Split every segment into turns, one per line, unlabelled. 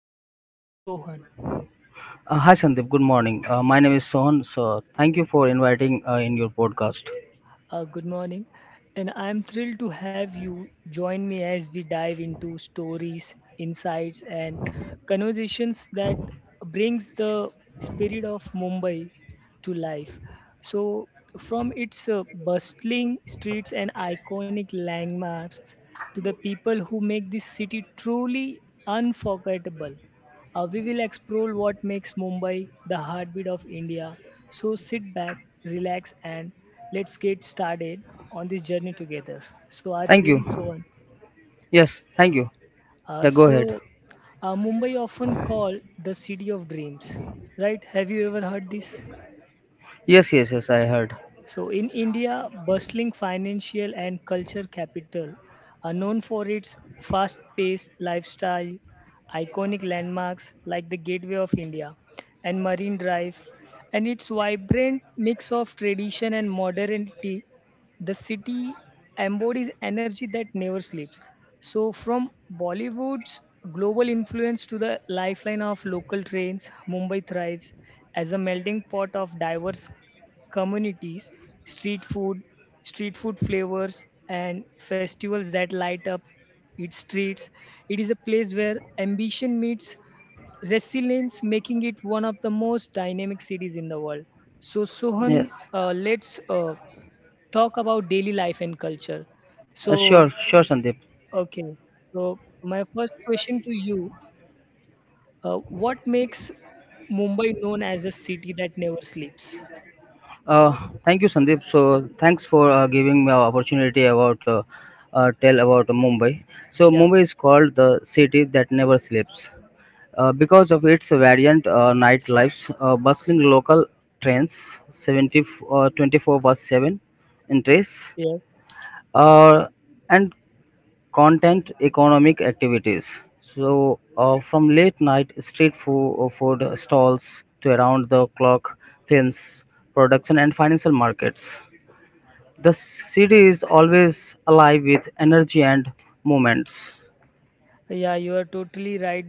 co host Sohan.
Hi Sandeep, good morning. My name is Sohan. So thank you for inviting in your podcast.
Good morning, and I'm thrilled to have you join me as we dive into stories, insights, and conversations that brings the spirit of Mumbai to life. So, from its bustling streets and iconic landmarks to the people who make this city truly unforgettable. We will explore what makes Mumbai the heartbeat of India. So sit back, relax, and let's get started on this journey together. So, are you
Thank
ready,
you.
Sohan?
Yes, thank you.
Uh,
Yeah, go ahead.
so, Mumbai often called the city of dreams, right? Have you ever heard this?
Yes, yes, yes. I heard.
So, in India, bustling financial and culture capital are known for its fast paced lifestyle, iconic landmarks like the Gateway of India and Marine Drive, and its vibrant mix of tradition and modernity. The city embodies energy that never sleeps. So, from Bollywood's global influence to the lifeline of local trains, Mumbai thrives as a melting pot of diverse communities, street food, street food flavors, and festivals that light up its streets. It is a place where ambition meets resilience, making it one of the most dynamic cities in the world. So,
Yes.
Sohan, let's talk about daily life and culture. So,
Sure, sure, Sandeep.
okay. So, my first question to you what makes Mumbai known as a city that never sleeps?
Thank you, Sandeep. So thanks for giving me an opportunity about tell about Mumbai. So
Yeah.
Mumbai is called the city that never sleeps because of its variant nightlife, bustling local trains, 70, 24 bus 7 in trace
Yeah.
uh, and content economic activities. So, from late night street food stalls to around the clock films, production, and financial markets, the city is always alive with energy and movements.
Yeah, you are totally right.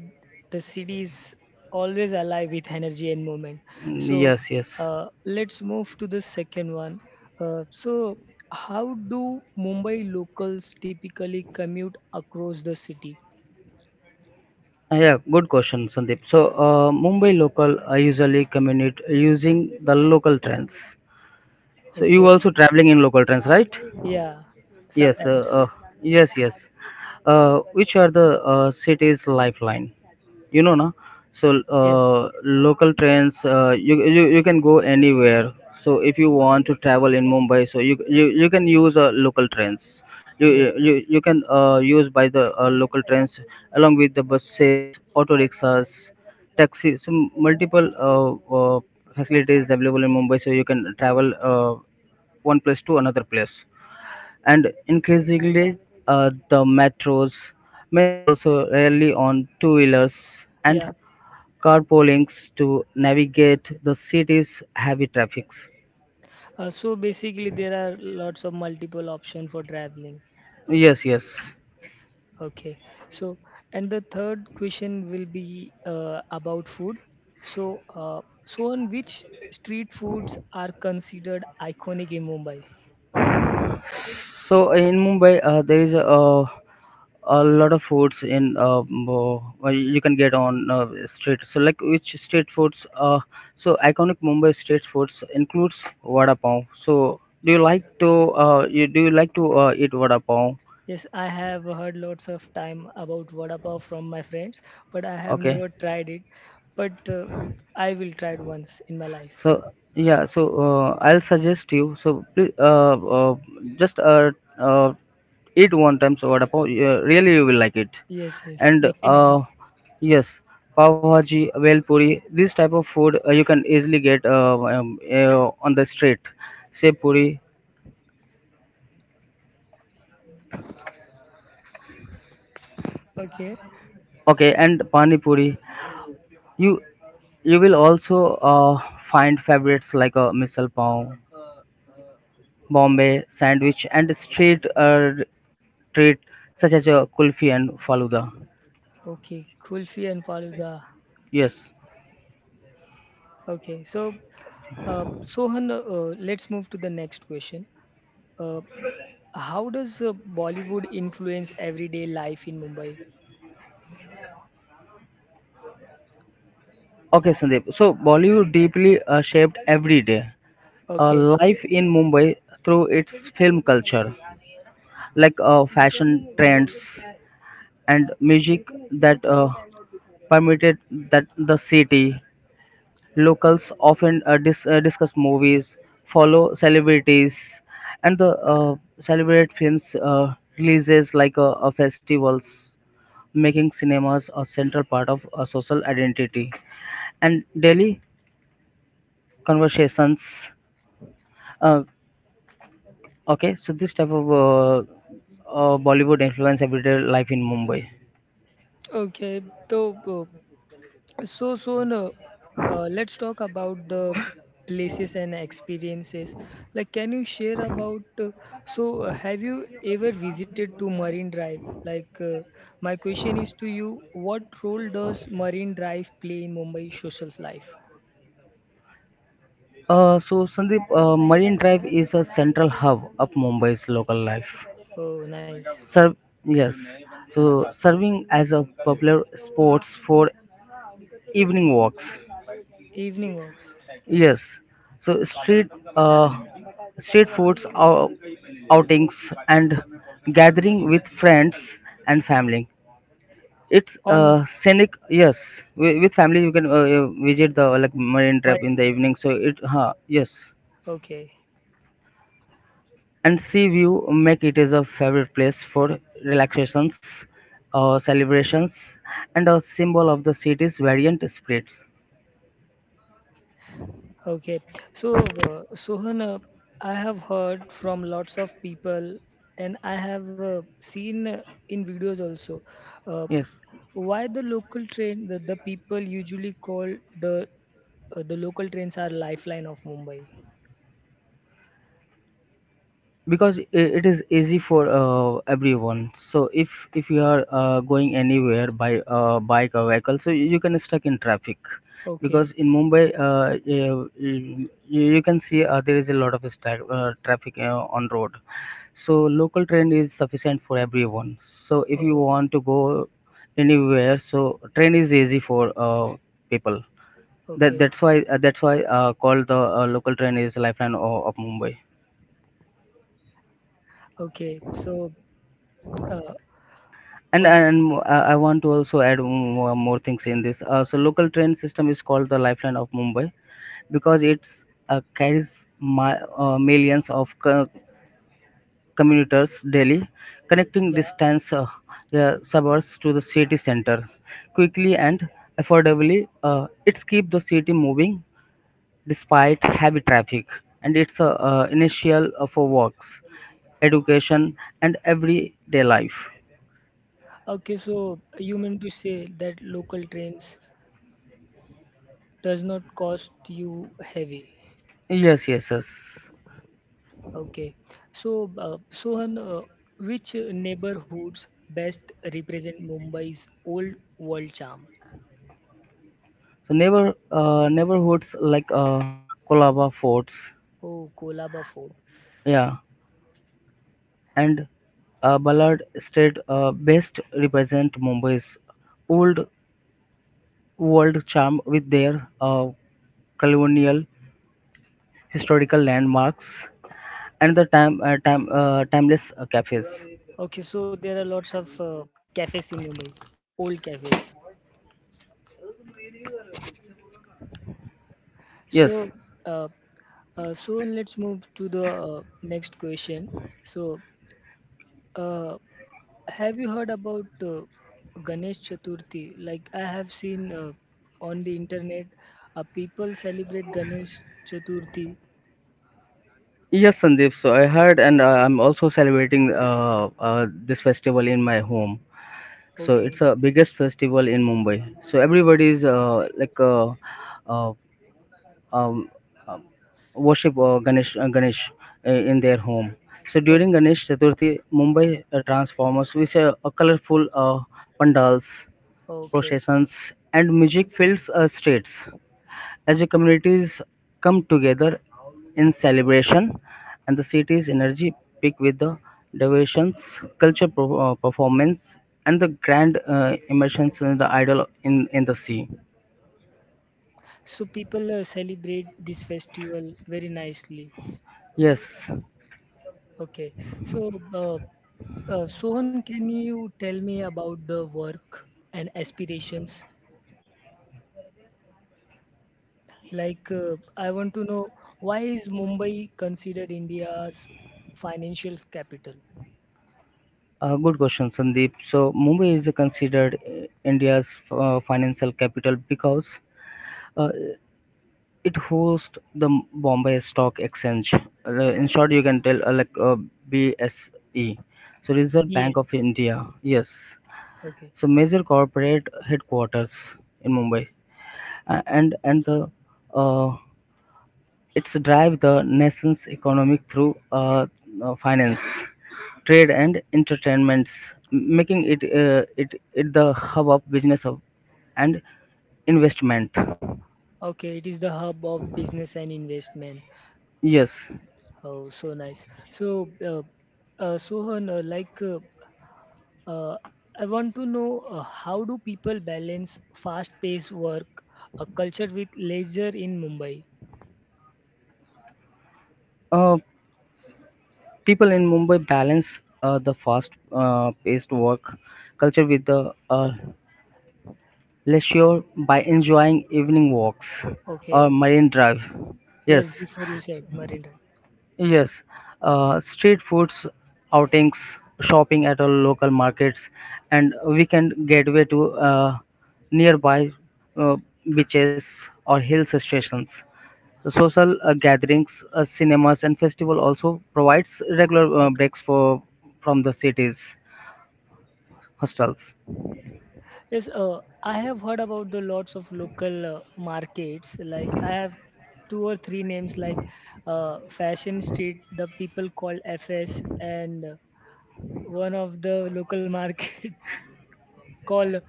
The city is always alive with energy and movement.
Mm,
So
yes, yes.
let's move to the second one. Uh, so, how do Mumbai locals typically commute across the city?
Yeah, good question, Sandeep. So, Mumbai local usually commute using the local trains. So, you
Okay,
also traveling in local trains, right?
yeah,
Yes,
sometimes.
yes, yes. Which are the city's lifeline? You know, na. So
Yes,
local trains, you can go anywhere. So if you want to travel in Mumbai, so you can use local trains. You
yes,
you, you
yes.
you can use by the local trains along with the buses, auto rickshaws, taxis. So multiple facilities available in Mumbai, so you can travel one place to another place and increasingly the metros. Many also rely on two-wheelers and
Yeah.
carpoolings to navigate the city's heavy traffic.
So basically, there are lots of multiple options for traveling.
Yes, yes.
Okay. So, and the third question will be about food. So, so on which street foods are considered iconic in Mumbai?
So in Mumbai, there is a lot of foods in well, you can get on street. So like which street foods? So iconic Mumbai street foods includes vada pav. So do you like to you do you like to eat vada pav?
Yes, I have heard lots of time about vada pav from my friends, but I have
Okay.
never tried it. But I will try it once in my life.
So yeah, so I'll suggest you. So please, uh, just uh, eat one time. So what about really you will like it.
Yes, yes,
And
definitely.
yes, pav bhaji, vel puri. This type of food you can easily get on the street. Say puri,
Okay,
okay, and pani puri. You you will also find favorites like misal pav, Bombay sandwich and street treat such as a kulfi and faluda.
okay. Kulfi and faluda.
Yes.
Okay, so Sohan, let's move to the next question. Uh, How does Bollywood influence everyday life in Mumbai?
Okay, Sandeep. So Bollywood deeply shaped every day
Okay,
life in Mumbai through its film culture, like fashion trends and music that permeated that the city. Locals often discuss movies, follow celebrities, and the celebrate films releases like festivals, making cinemas a central part of social identity and daily conversations. Uh, okay, so this type of Bollywood influence everyday life in Mumbai.
okay. So, uh, so soon, uh, let's talk about the places and experiences. Like, can you share about? Have you ever visited to Marine Drive? My question is to you: what role does Marine Drive play in Mumbai social's life?
So Sandeep, Marine Drive is a central hub of Mumbai's local life.
Oh, nice.
Serve Yes, so serving as a popular sports for evening walks.
Evening walks
Yes, so uh, street foods, outings, and gathering with friends and family. It's
on
scenic. Yes, with family you can visit the like marine
my
trap in the evening. So it, huh, yes.
okay.
And sea view make it is a favorite place for relaxations, celebrations and a symbol of the city's variant spirits.
Okay, so Sohan, I have heard from lots of people, and I have seen in videos also uh,
Yes,
why the local train, the people usually call the the local trains are lifeline of Mumbai.
because it is easy for everyone. So if you are going anywhere by bike or vehicle so you can stuck in traffic, because
Okay,
in Mumbai, you can see there is a lot of stack, traffic on road. So local train is sufficient for everyone. So if you
oh,
want to go anywhere so train is easy for people. that
okay,
that's why uh, that's why uh, called the local train is lifeline of Mumbai.
okay. So, uh,
and
uh,
and mo- uh, I want to also add more things in this. So local train system is called the lifeline of Mumbai because it's carries my millions of commuters daily, connecting
yeah,
distance the suburbs to the city center quickly and affordably. It's keep the city moving despite heavy traffic, and it's initial for works, education and everyday life.
okay. So you mean to say that local trains does not cost you heavy?
Yes, yes, yes.
Okay. So, Sohan, which neighborhoods best represent Mumbai's old world charm?
So neighborhoods like Colaba Forts,
Oh, Kolaba Fort.
yeah, and Ballard State best represent Mumbai's old world charm with their colonial historical landmarks and the timeless cafes.
Okay, so there are lots of cafes in Mumbai, old cafes.
Yes.
So, uh, so let's move to the next question. So, uh, have you heard about Ganesh Chaturthi? Like I have seen on the internet, people celebrate Ganesh Chaturthi.
Yes, Sandeep. So I heard, and I'm also celebrating this festival in my home. So
Okay.
it's a biggest festival in Mumbai. So everybody is uh, um, um, worship Ganesh in their home. So during Ganesh Chaturthi, Mumbai transformers with a colorful pandals,
Okay,
processions, and music fills streets as the communities come together in celebration, and the city's energy peak with the devotions, performance, and the grand immersions in the idol in the sea.
so people celebrate this festival very nicely.
Yes.
Okay, so Sohan, can you tell me about the work and aspirations? I want to know why is Mumbai considered India's financial capital?
Good question, Sandeep. So, Mumbai is considered India's financial capital because uh, it hosts the Bombay Stock Exchange. In short, you can tell BSE. So, Reserve
Yes.
Bank of India. Yes.
Okay.
So, major corporate headquarters in Mumbai, and the uh, it's drive the nation's economic through finance, trade, and entertainments, making it the hub of business and investment.
Okay, it is the hub of business and investment.
Yes,
Oh, so nice. So, Sohan, Uh, I want to know how do people balance fast-paced work, a culture with leisure in Mumbai?
uh, people in Mumbai balance the fast-paced work culture with the leisure by enjoying evening walks or
Okay.
marine drive.
Yes,
Yes,
before you said Marine Drive.
yes, street foods, outings, shopping at all local markets, and weekend gateway to nearby uh, beaches or hill stations. The social gatherings, cinemas, and festival also provides regular
Okay.
breaks for from the city's hostels.
Yes, I have heard about the lots of local markets. Like I have two or three names like Fashion Street, the people call FS, and one of the local market called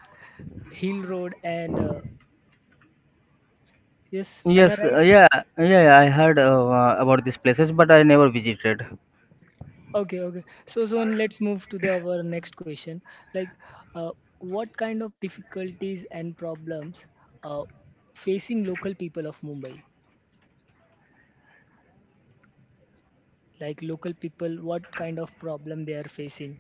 Hill Road. And yes, am I
Yes,
right?
yeah, I heard about these places, but I never visited.
Okay, okay. So and let's move to the our next question. Like, uh, what kind of difficulties and problems uh, facing local people of Mumbai? Like local people, what kind of problem they are facing?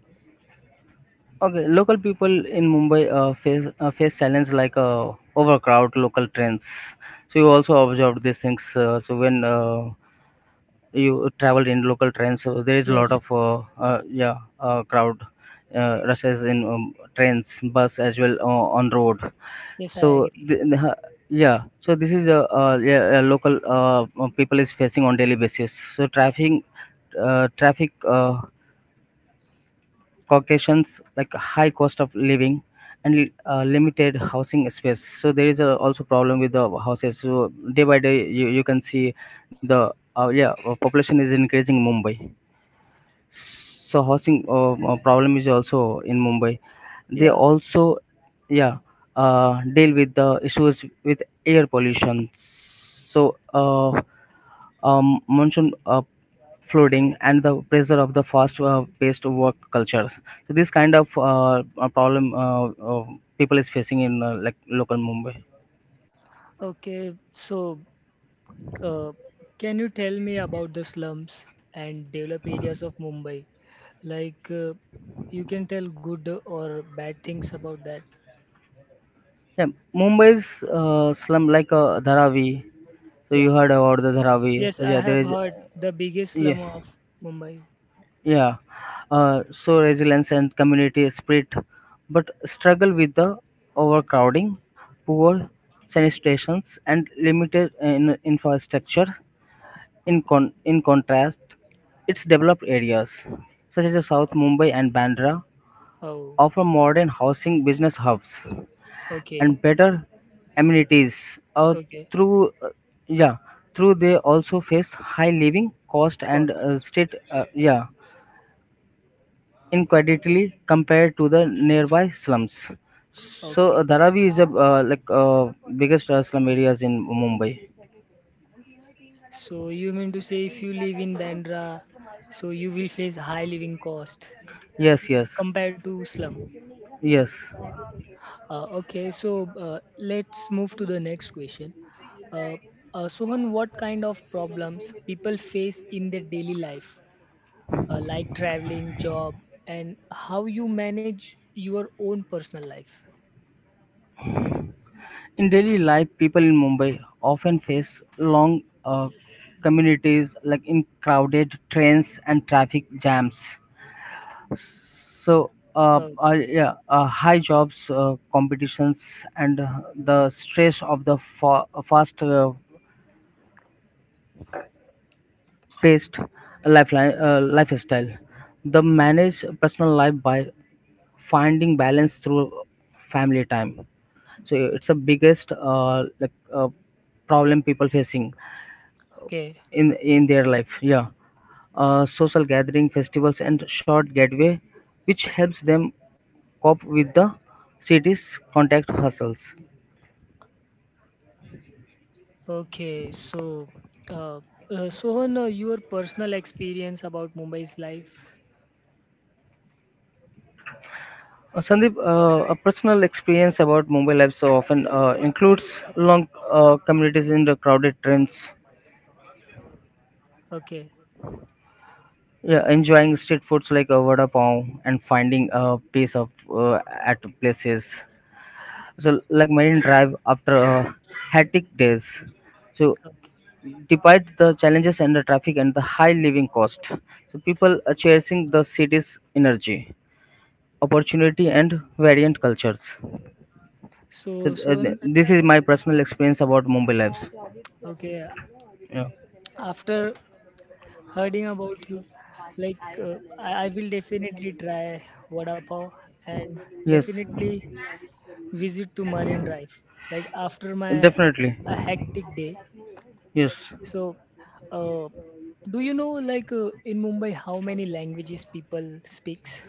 Okay, local people in Mumbai face challenge like overcrowd, local trains. So you also observed these things. So when you traveled in local trains, so there is a lot
Yes,
of crowd rushes in trains, bus as well on road.
yes, I
So
agree.
th- uh, yeah, so this is a local people is facing on daily basis. So traffic, traffic. Caucasians like high cost of living and limited housing space. So there is also problem with the houses. So day by day, you can see the population is increasing in Mumbai. So housing problem is also in Mumbai. They
Yeah.
also yeah deal with the issues with air pollution. So monsoon flooding and the pressure of the fast paced work culture. So this kind of a problem uh, people is facing in like local Mumbai.
Okay. So, uh, can you tell me about the slums and developed areas of Mumbai? Like, uh, you can tell good or bad things about that.
Yeah, Mumbai's slum like Dharavi. So you
Yeah.
heard about the Dharavi.
Yes, I
Yeah, there
have
is
heard the biggest slum
yeah,
of Mumbai.
yeah, uh, so resilience and community spirit, but struggle with the overcrowding, poor sanitation and limited in infrastructure. In, in contrast, its developed areas, such as South Mumbai and Bandra,
Oh,
offer modern housing business hubs
okay,
and better amenities.
okay,
Through uh, yeah, Through they also face high living cost and
cost.
state yeah incredibly compared to the nearby slums. So
Okay,
Dharavi is a like biggest slum areas in Mumbai.
so you mean to say if you live in Bandra, so you will face high living cost
Yes, yes,
compared to slum.
yes.
Okay, so let's move to the next question. Uh, Sohan, what kind of problems people face in their daily life, like traveling, job, and how you manage your own personal life?
In daily life, people in Mumbai often face long communities like in crowded trains and traffic jams. So,
Okay,
high jobs, competitions, and the stress of the fast paced lifestyle. They manage personal life by finding balance through family time. So, it's the biggest problem people facing
okay.
in their life. Yeah, social gathering festivals and short getaway which helps them cope with the city's contact hustles.
Okay, so uh, Sohan, your personal experience about Mumbai's life.
Sandeep, a personal experience about Mumbai life so often includes long communities in the crowded trains,
Okay,
yeah, enjoying street foods like vada pav and finding a place of at places. So like Marine Drive after hectic days. So
okay.
despite the challenges and the traffic and the high living cost, so people are chasing the city's energy, opportunity and variant cultures. So,
So Sohan,
this is my personal experience about Mumbai lives,
okay.
yeah.
After hearing about you, I will definitely try vada pav and
Yes,
definitely visit to Marine Drive. Like after my
definitely.
a hectic day.
Yes,
So, uh, do you know like in Mumbai how many languages people speaks?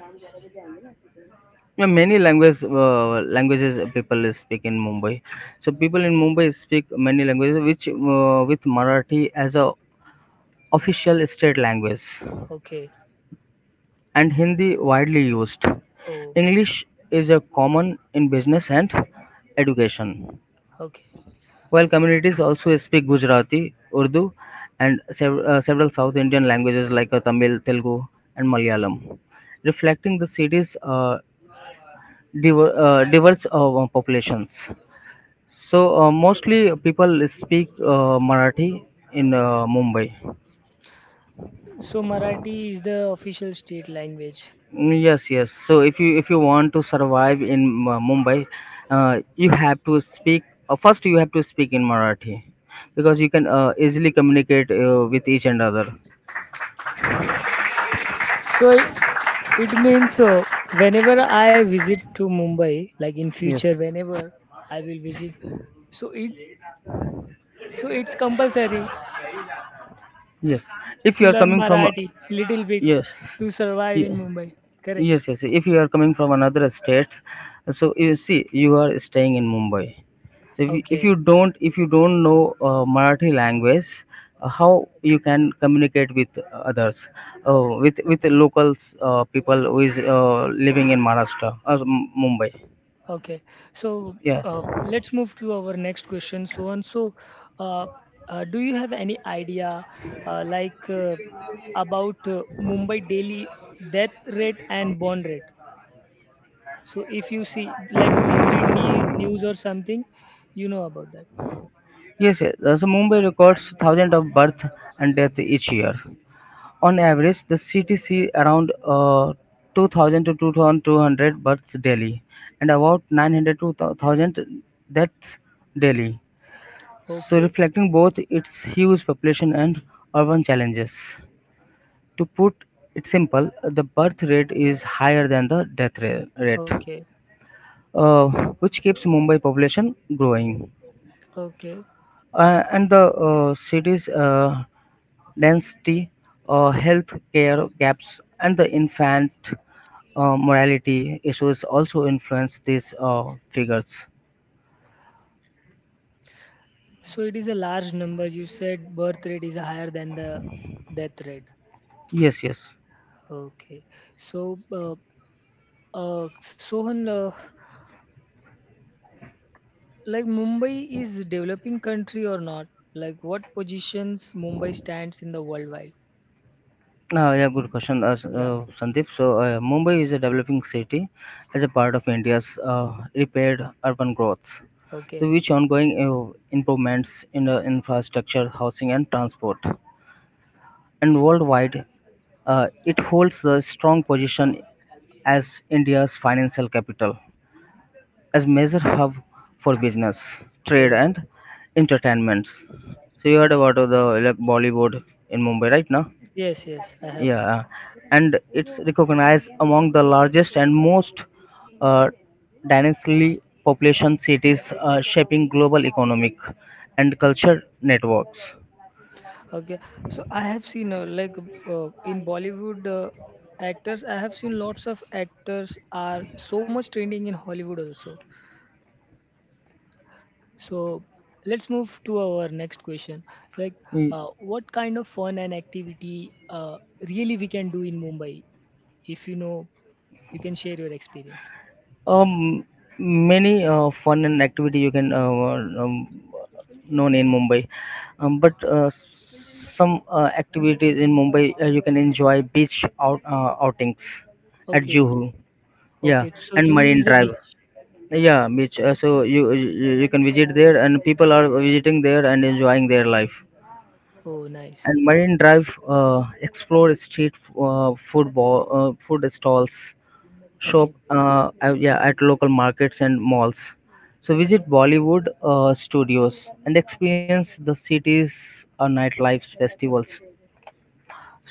yeah, many languages people speak in Mumbai. So people in Mumbai speak many languages, which with Marathi as a official state language
Okay.
and Hindi widely used.
Oh.
English is a common in business and education,
Okay.
while communities also speak Gujarati, Urdu, and several South Indian languages like Tamil, Telugu, and Malayalam, reflecting the city's diverse populations. So, mostly people speak Marathi in Mumbai.
So Marathi is the official state language.
Mm, yes, yes. So if you want to survive in Mumbai, you have to speak. First, you have to speak in Marathi because you can easily communicate with each and other.
So it means whenever I visit to Mumbai, like in
Yes,
future, whenever I will visit, so it so it's compulsory
yes. If
to
you are
learn
coming from
Marathi little bit
yes,
to survive in
ye-
Mumbai. Correct.
yes, yes. If you are coming from another state, so you see you are staying in Mumbai. So if
Okay.
you don't know Marathi language, how you can communicate with others, with the locals people who is living in Maharashtra or Mumbai?
Okay, so
Yeah,
let's move to our next question. Uh, do you have any idea, uh, like uh, about Mumbai daily death rate and bond rate? So if you see, like, do you read ne news or something? You know about that.
yes, yes. So Mumbai records thousands of birth and death each year. On average, the city sees around 2,000 to 2,200 births daily, and about 900 to 1,000 deaths daily. So
Okay,
reflecting both its huge population and urban challenges. To put it simple, the birth rate is higher than the rate,
okay,
uh, which keeps Mumbai population growing.
okay.
And the city's density, health care gaps, and the infant morality issues also influence these figures.
So it is a large number. You said birth rate is higher than the death rate.
Yes, yes.
Okay. So, Sohan, like, Mumbai is developing country or not? Like what positions Mumbai stands in the worldwide?
Yeah, good question,
Yeah.
Sandeep. Mumbai is a developing city as a part of India's repaired urban growth, so
Okay.
which ongoing improvements in infrastructure, housing, and transport. And worldwide, it holds a strong position as India's financial capital, as major hub for business, trade,
Oh,
and entertainments. So, you heard about
nice.
the like, Bollywood in Mumbai, right now?
Yes, yes, I have.
Yeah, and it's recognized among the largest and most uh, densely population cities, shaping global economic and culture networks.
Okay. So I have seen like in Bollywood actors, I have seen lots of actors are so much trending in Hollywood also. So let's move to our next question. Like
Y-
uh, what kind of fun and activity really we can do in Mumbai? If you know, you can share your experience.
Um, many fun and activity you can known in Mumbai, but some activities in Mumbai you can enjoy beach outings at
Okay,
Juhu, yeah,
okay. So
and
Juhu is
Marine
a
Drive.
beach.
Yeah, which so you you you can visit there, and people are visiting there and enjoying their life.
Oh, nice.
And Marine Drive explore street food stalls, shop
Okay,
yeah at local markets and malls. So visit Bollywood studios and experience the city's nightlife festivals.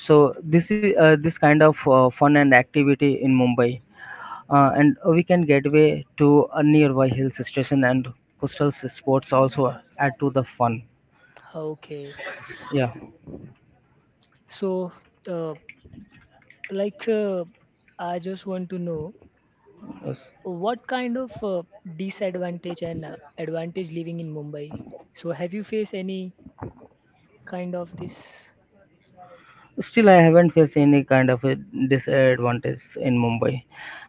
So this is this kind of fun and activity in Mumbai. And we can get way to a nearby hill station and coastal sports also add to the fun.
okay.
Yeah.
So, uh, like, uh, I just want to know what kind of disadvantage and advantage living in Mumbai. So, have you faced any kind of this?
Still, I haven't faced any kind of a disadvantage in Mumbai.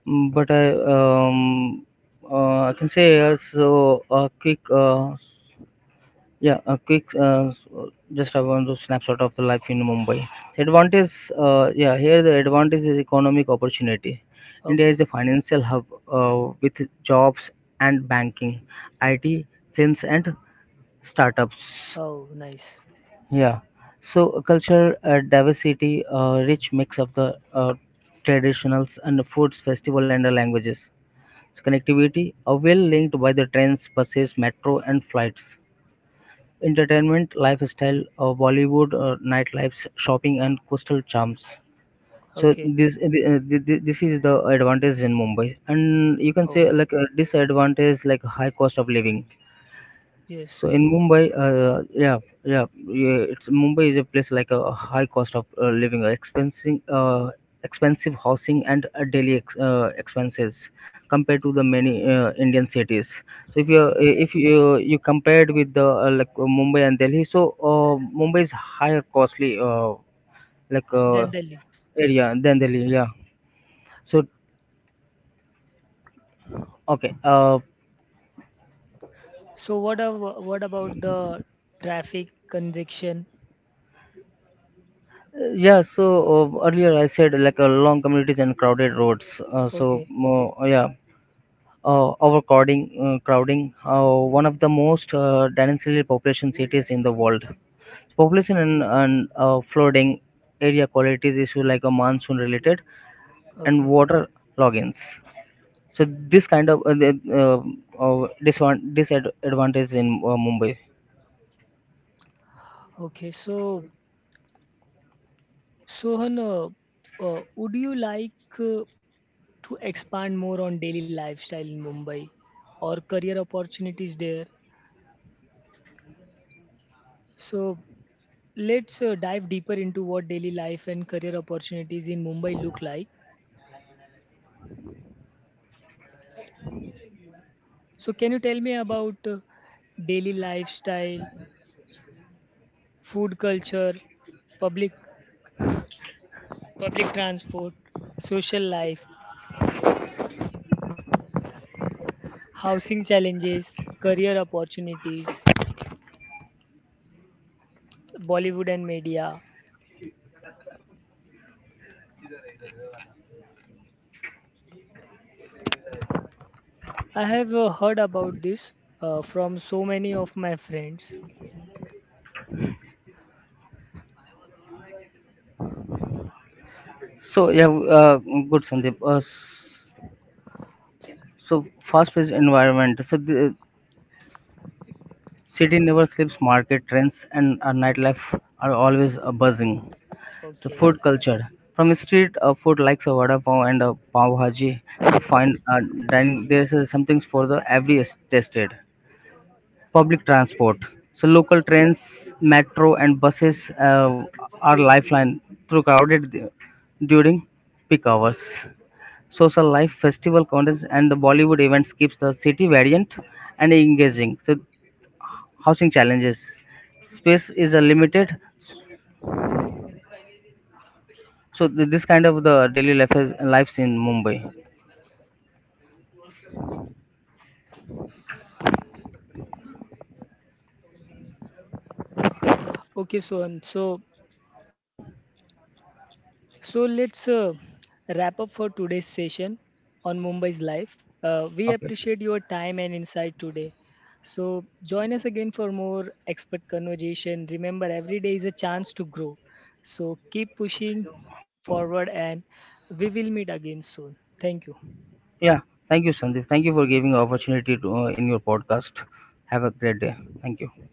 But I can say also a quick, just I want to snapshot of the life in Mumbai. Advantage, here the advantage is economic opportunity. India is
Okay.
a financial hub with jobs and banking, IT, films, and startups.
Oh, nice.
Yeah, so culture diversity, rich mix of the traditionals and the foods, festival, and the languages. So connectivity are well linked by the trains, buses, metro, and flights entertainment, lifestyle, Bollywood, nightlifes, shopping, and coastal charms. So
Okay.
this is the advantage in Mumbai, and you can
Oh,
say like a disadvantage like high cost of living.
yes.
So in Mumbai, yeah, it's Mumbai is a place like a high cost of living, expensive housing and daily expenses compared to the many Indian cities. So
Okay.
if you you compared with the Mumbai and Delhi, so Mumbai is higher costly like uh,
Then Delhi.
area than Delhi. Yeah. So okay.
So, what about the traffic congestion?
Yeah. So earlier I said like long communities and crowded roads. Uh, so
Okay.
uh, yeah overcrowding crowding one of the most densely population cities in the world population and flooding area qualities issue like a monsoon related and
Okay.
water logins so this kind of disadvantage in mumbai
Okay. So Sohan, would you like uh, to expand more on daily lifestyle in Mumbai or career opportunities there? So let's dive deeper into what daily life and career opportunities in Mumbai look like. So can you tell me about daily lifestyle, food culture, public public transport, social life, housing challenges, career opportunities, Bollywood and media, I have heard about this from so many of my friends.
so yeah good sandeep so fast paced environment so the city never sleeps market trends and nightlife are always buzzing. So
Okay.
food culture from street food likes a vada pav and a pav bhaji to find dining. There's something for the every is tasted. Public transport. So local trains, metro, and buses are lifeline through during peak hours. Social life, festival contests, and the Bollywood events keeps the city variant and engaging. So housing challenges. Space is limited. So this kind of the daily life is, lives in Mumbai.
Okay, so and so so let's wrap up for today's session on Mumbai's life. We
Okay.
appreciate your time and insight today. So join us again for more expert conversation. Remember, every day is a chance to grow. So keep pushing forward, and we will meet again soon. Thank you.
Yeah. Thank you, Sandeep. Thank you for giving the opportunity to in your podcast. Have a great day. Thank you.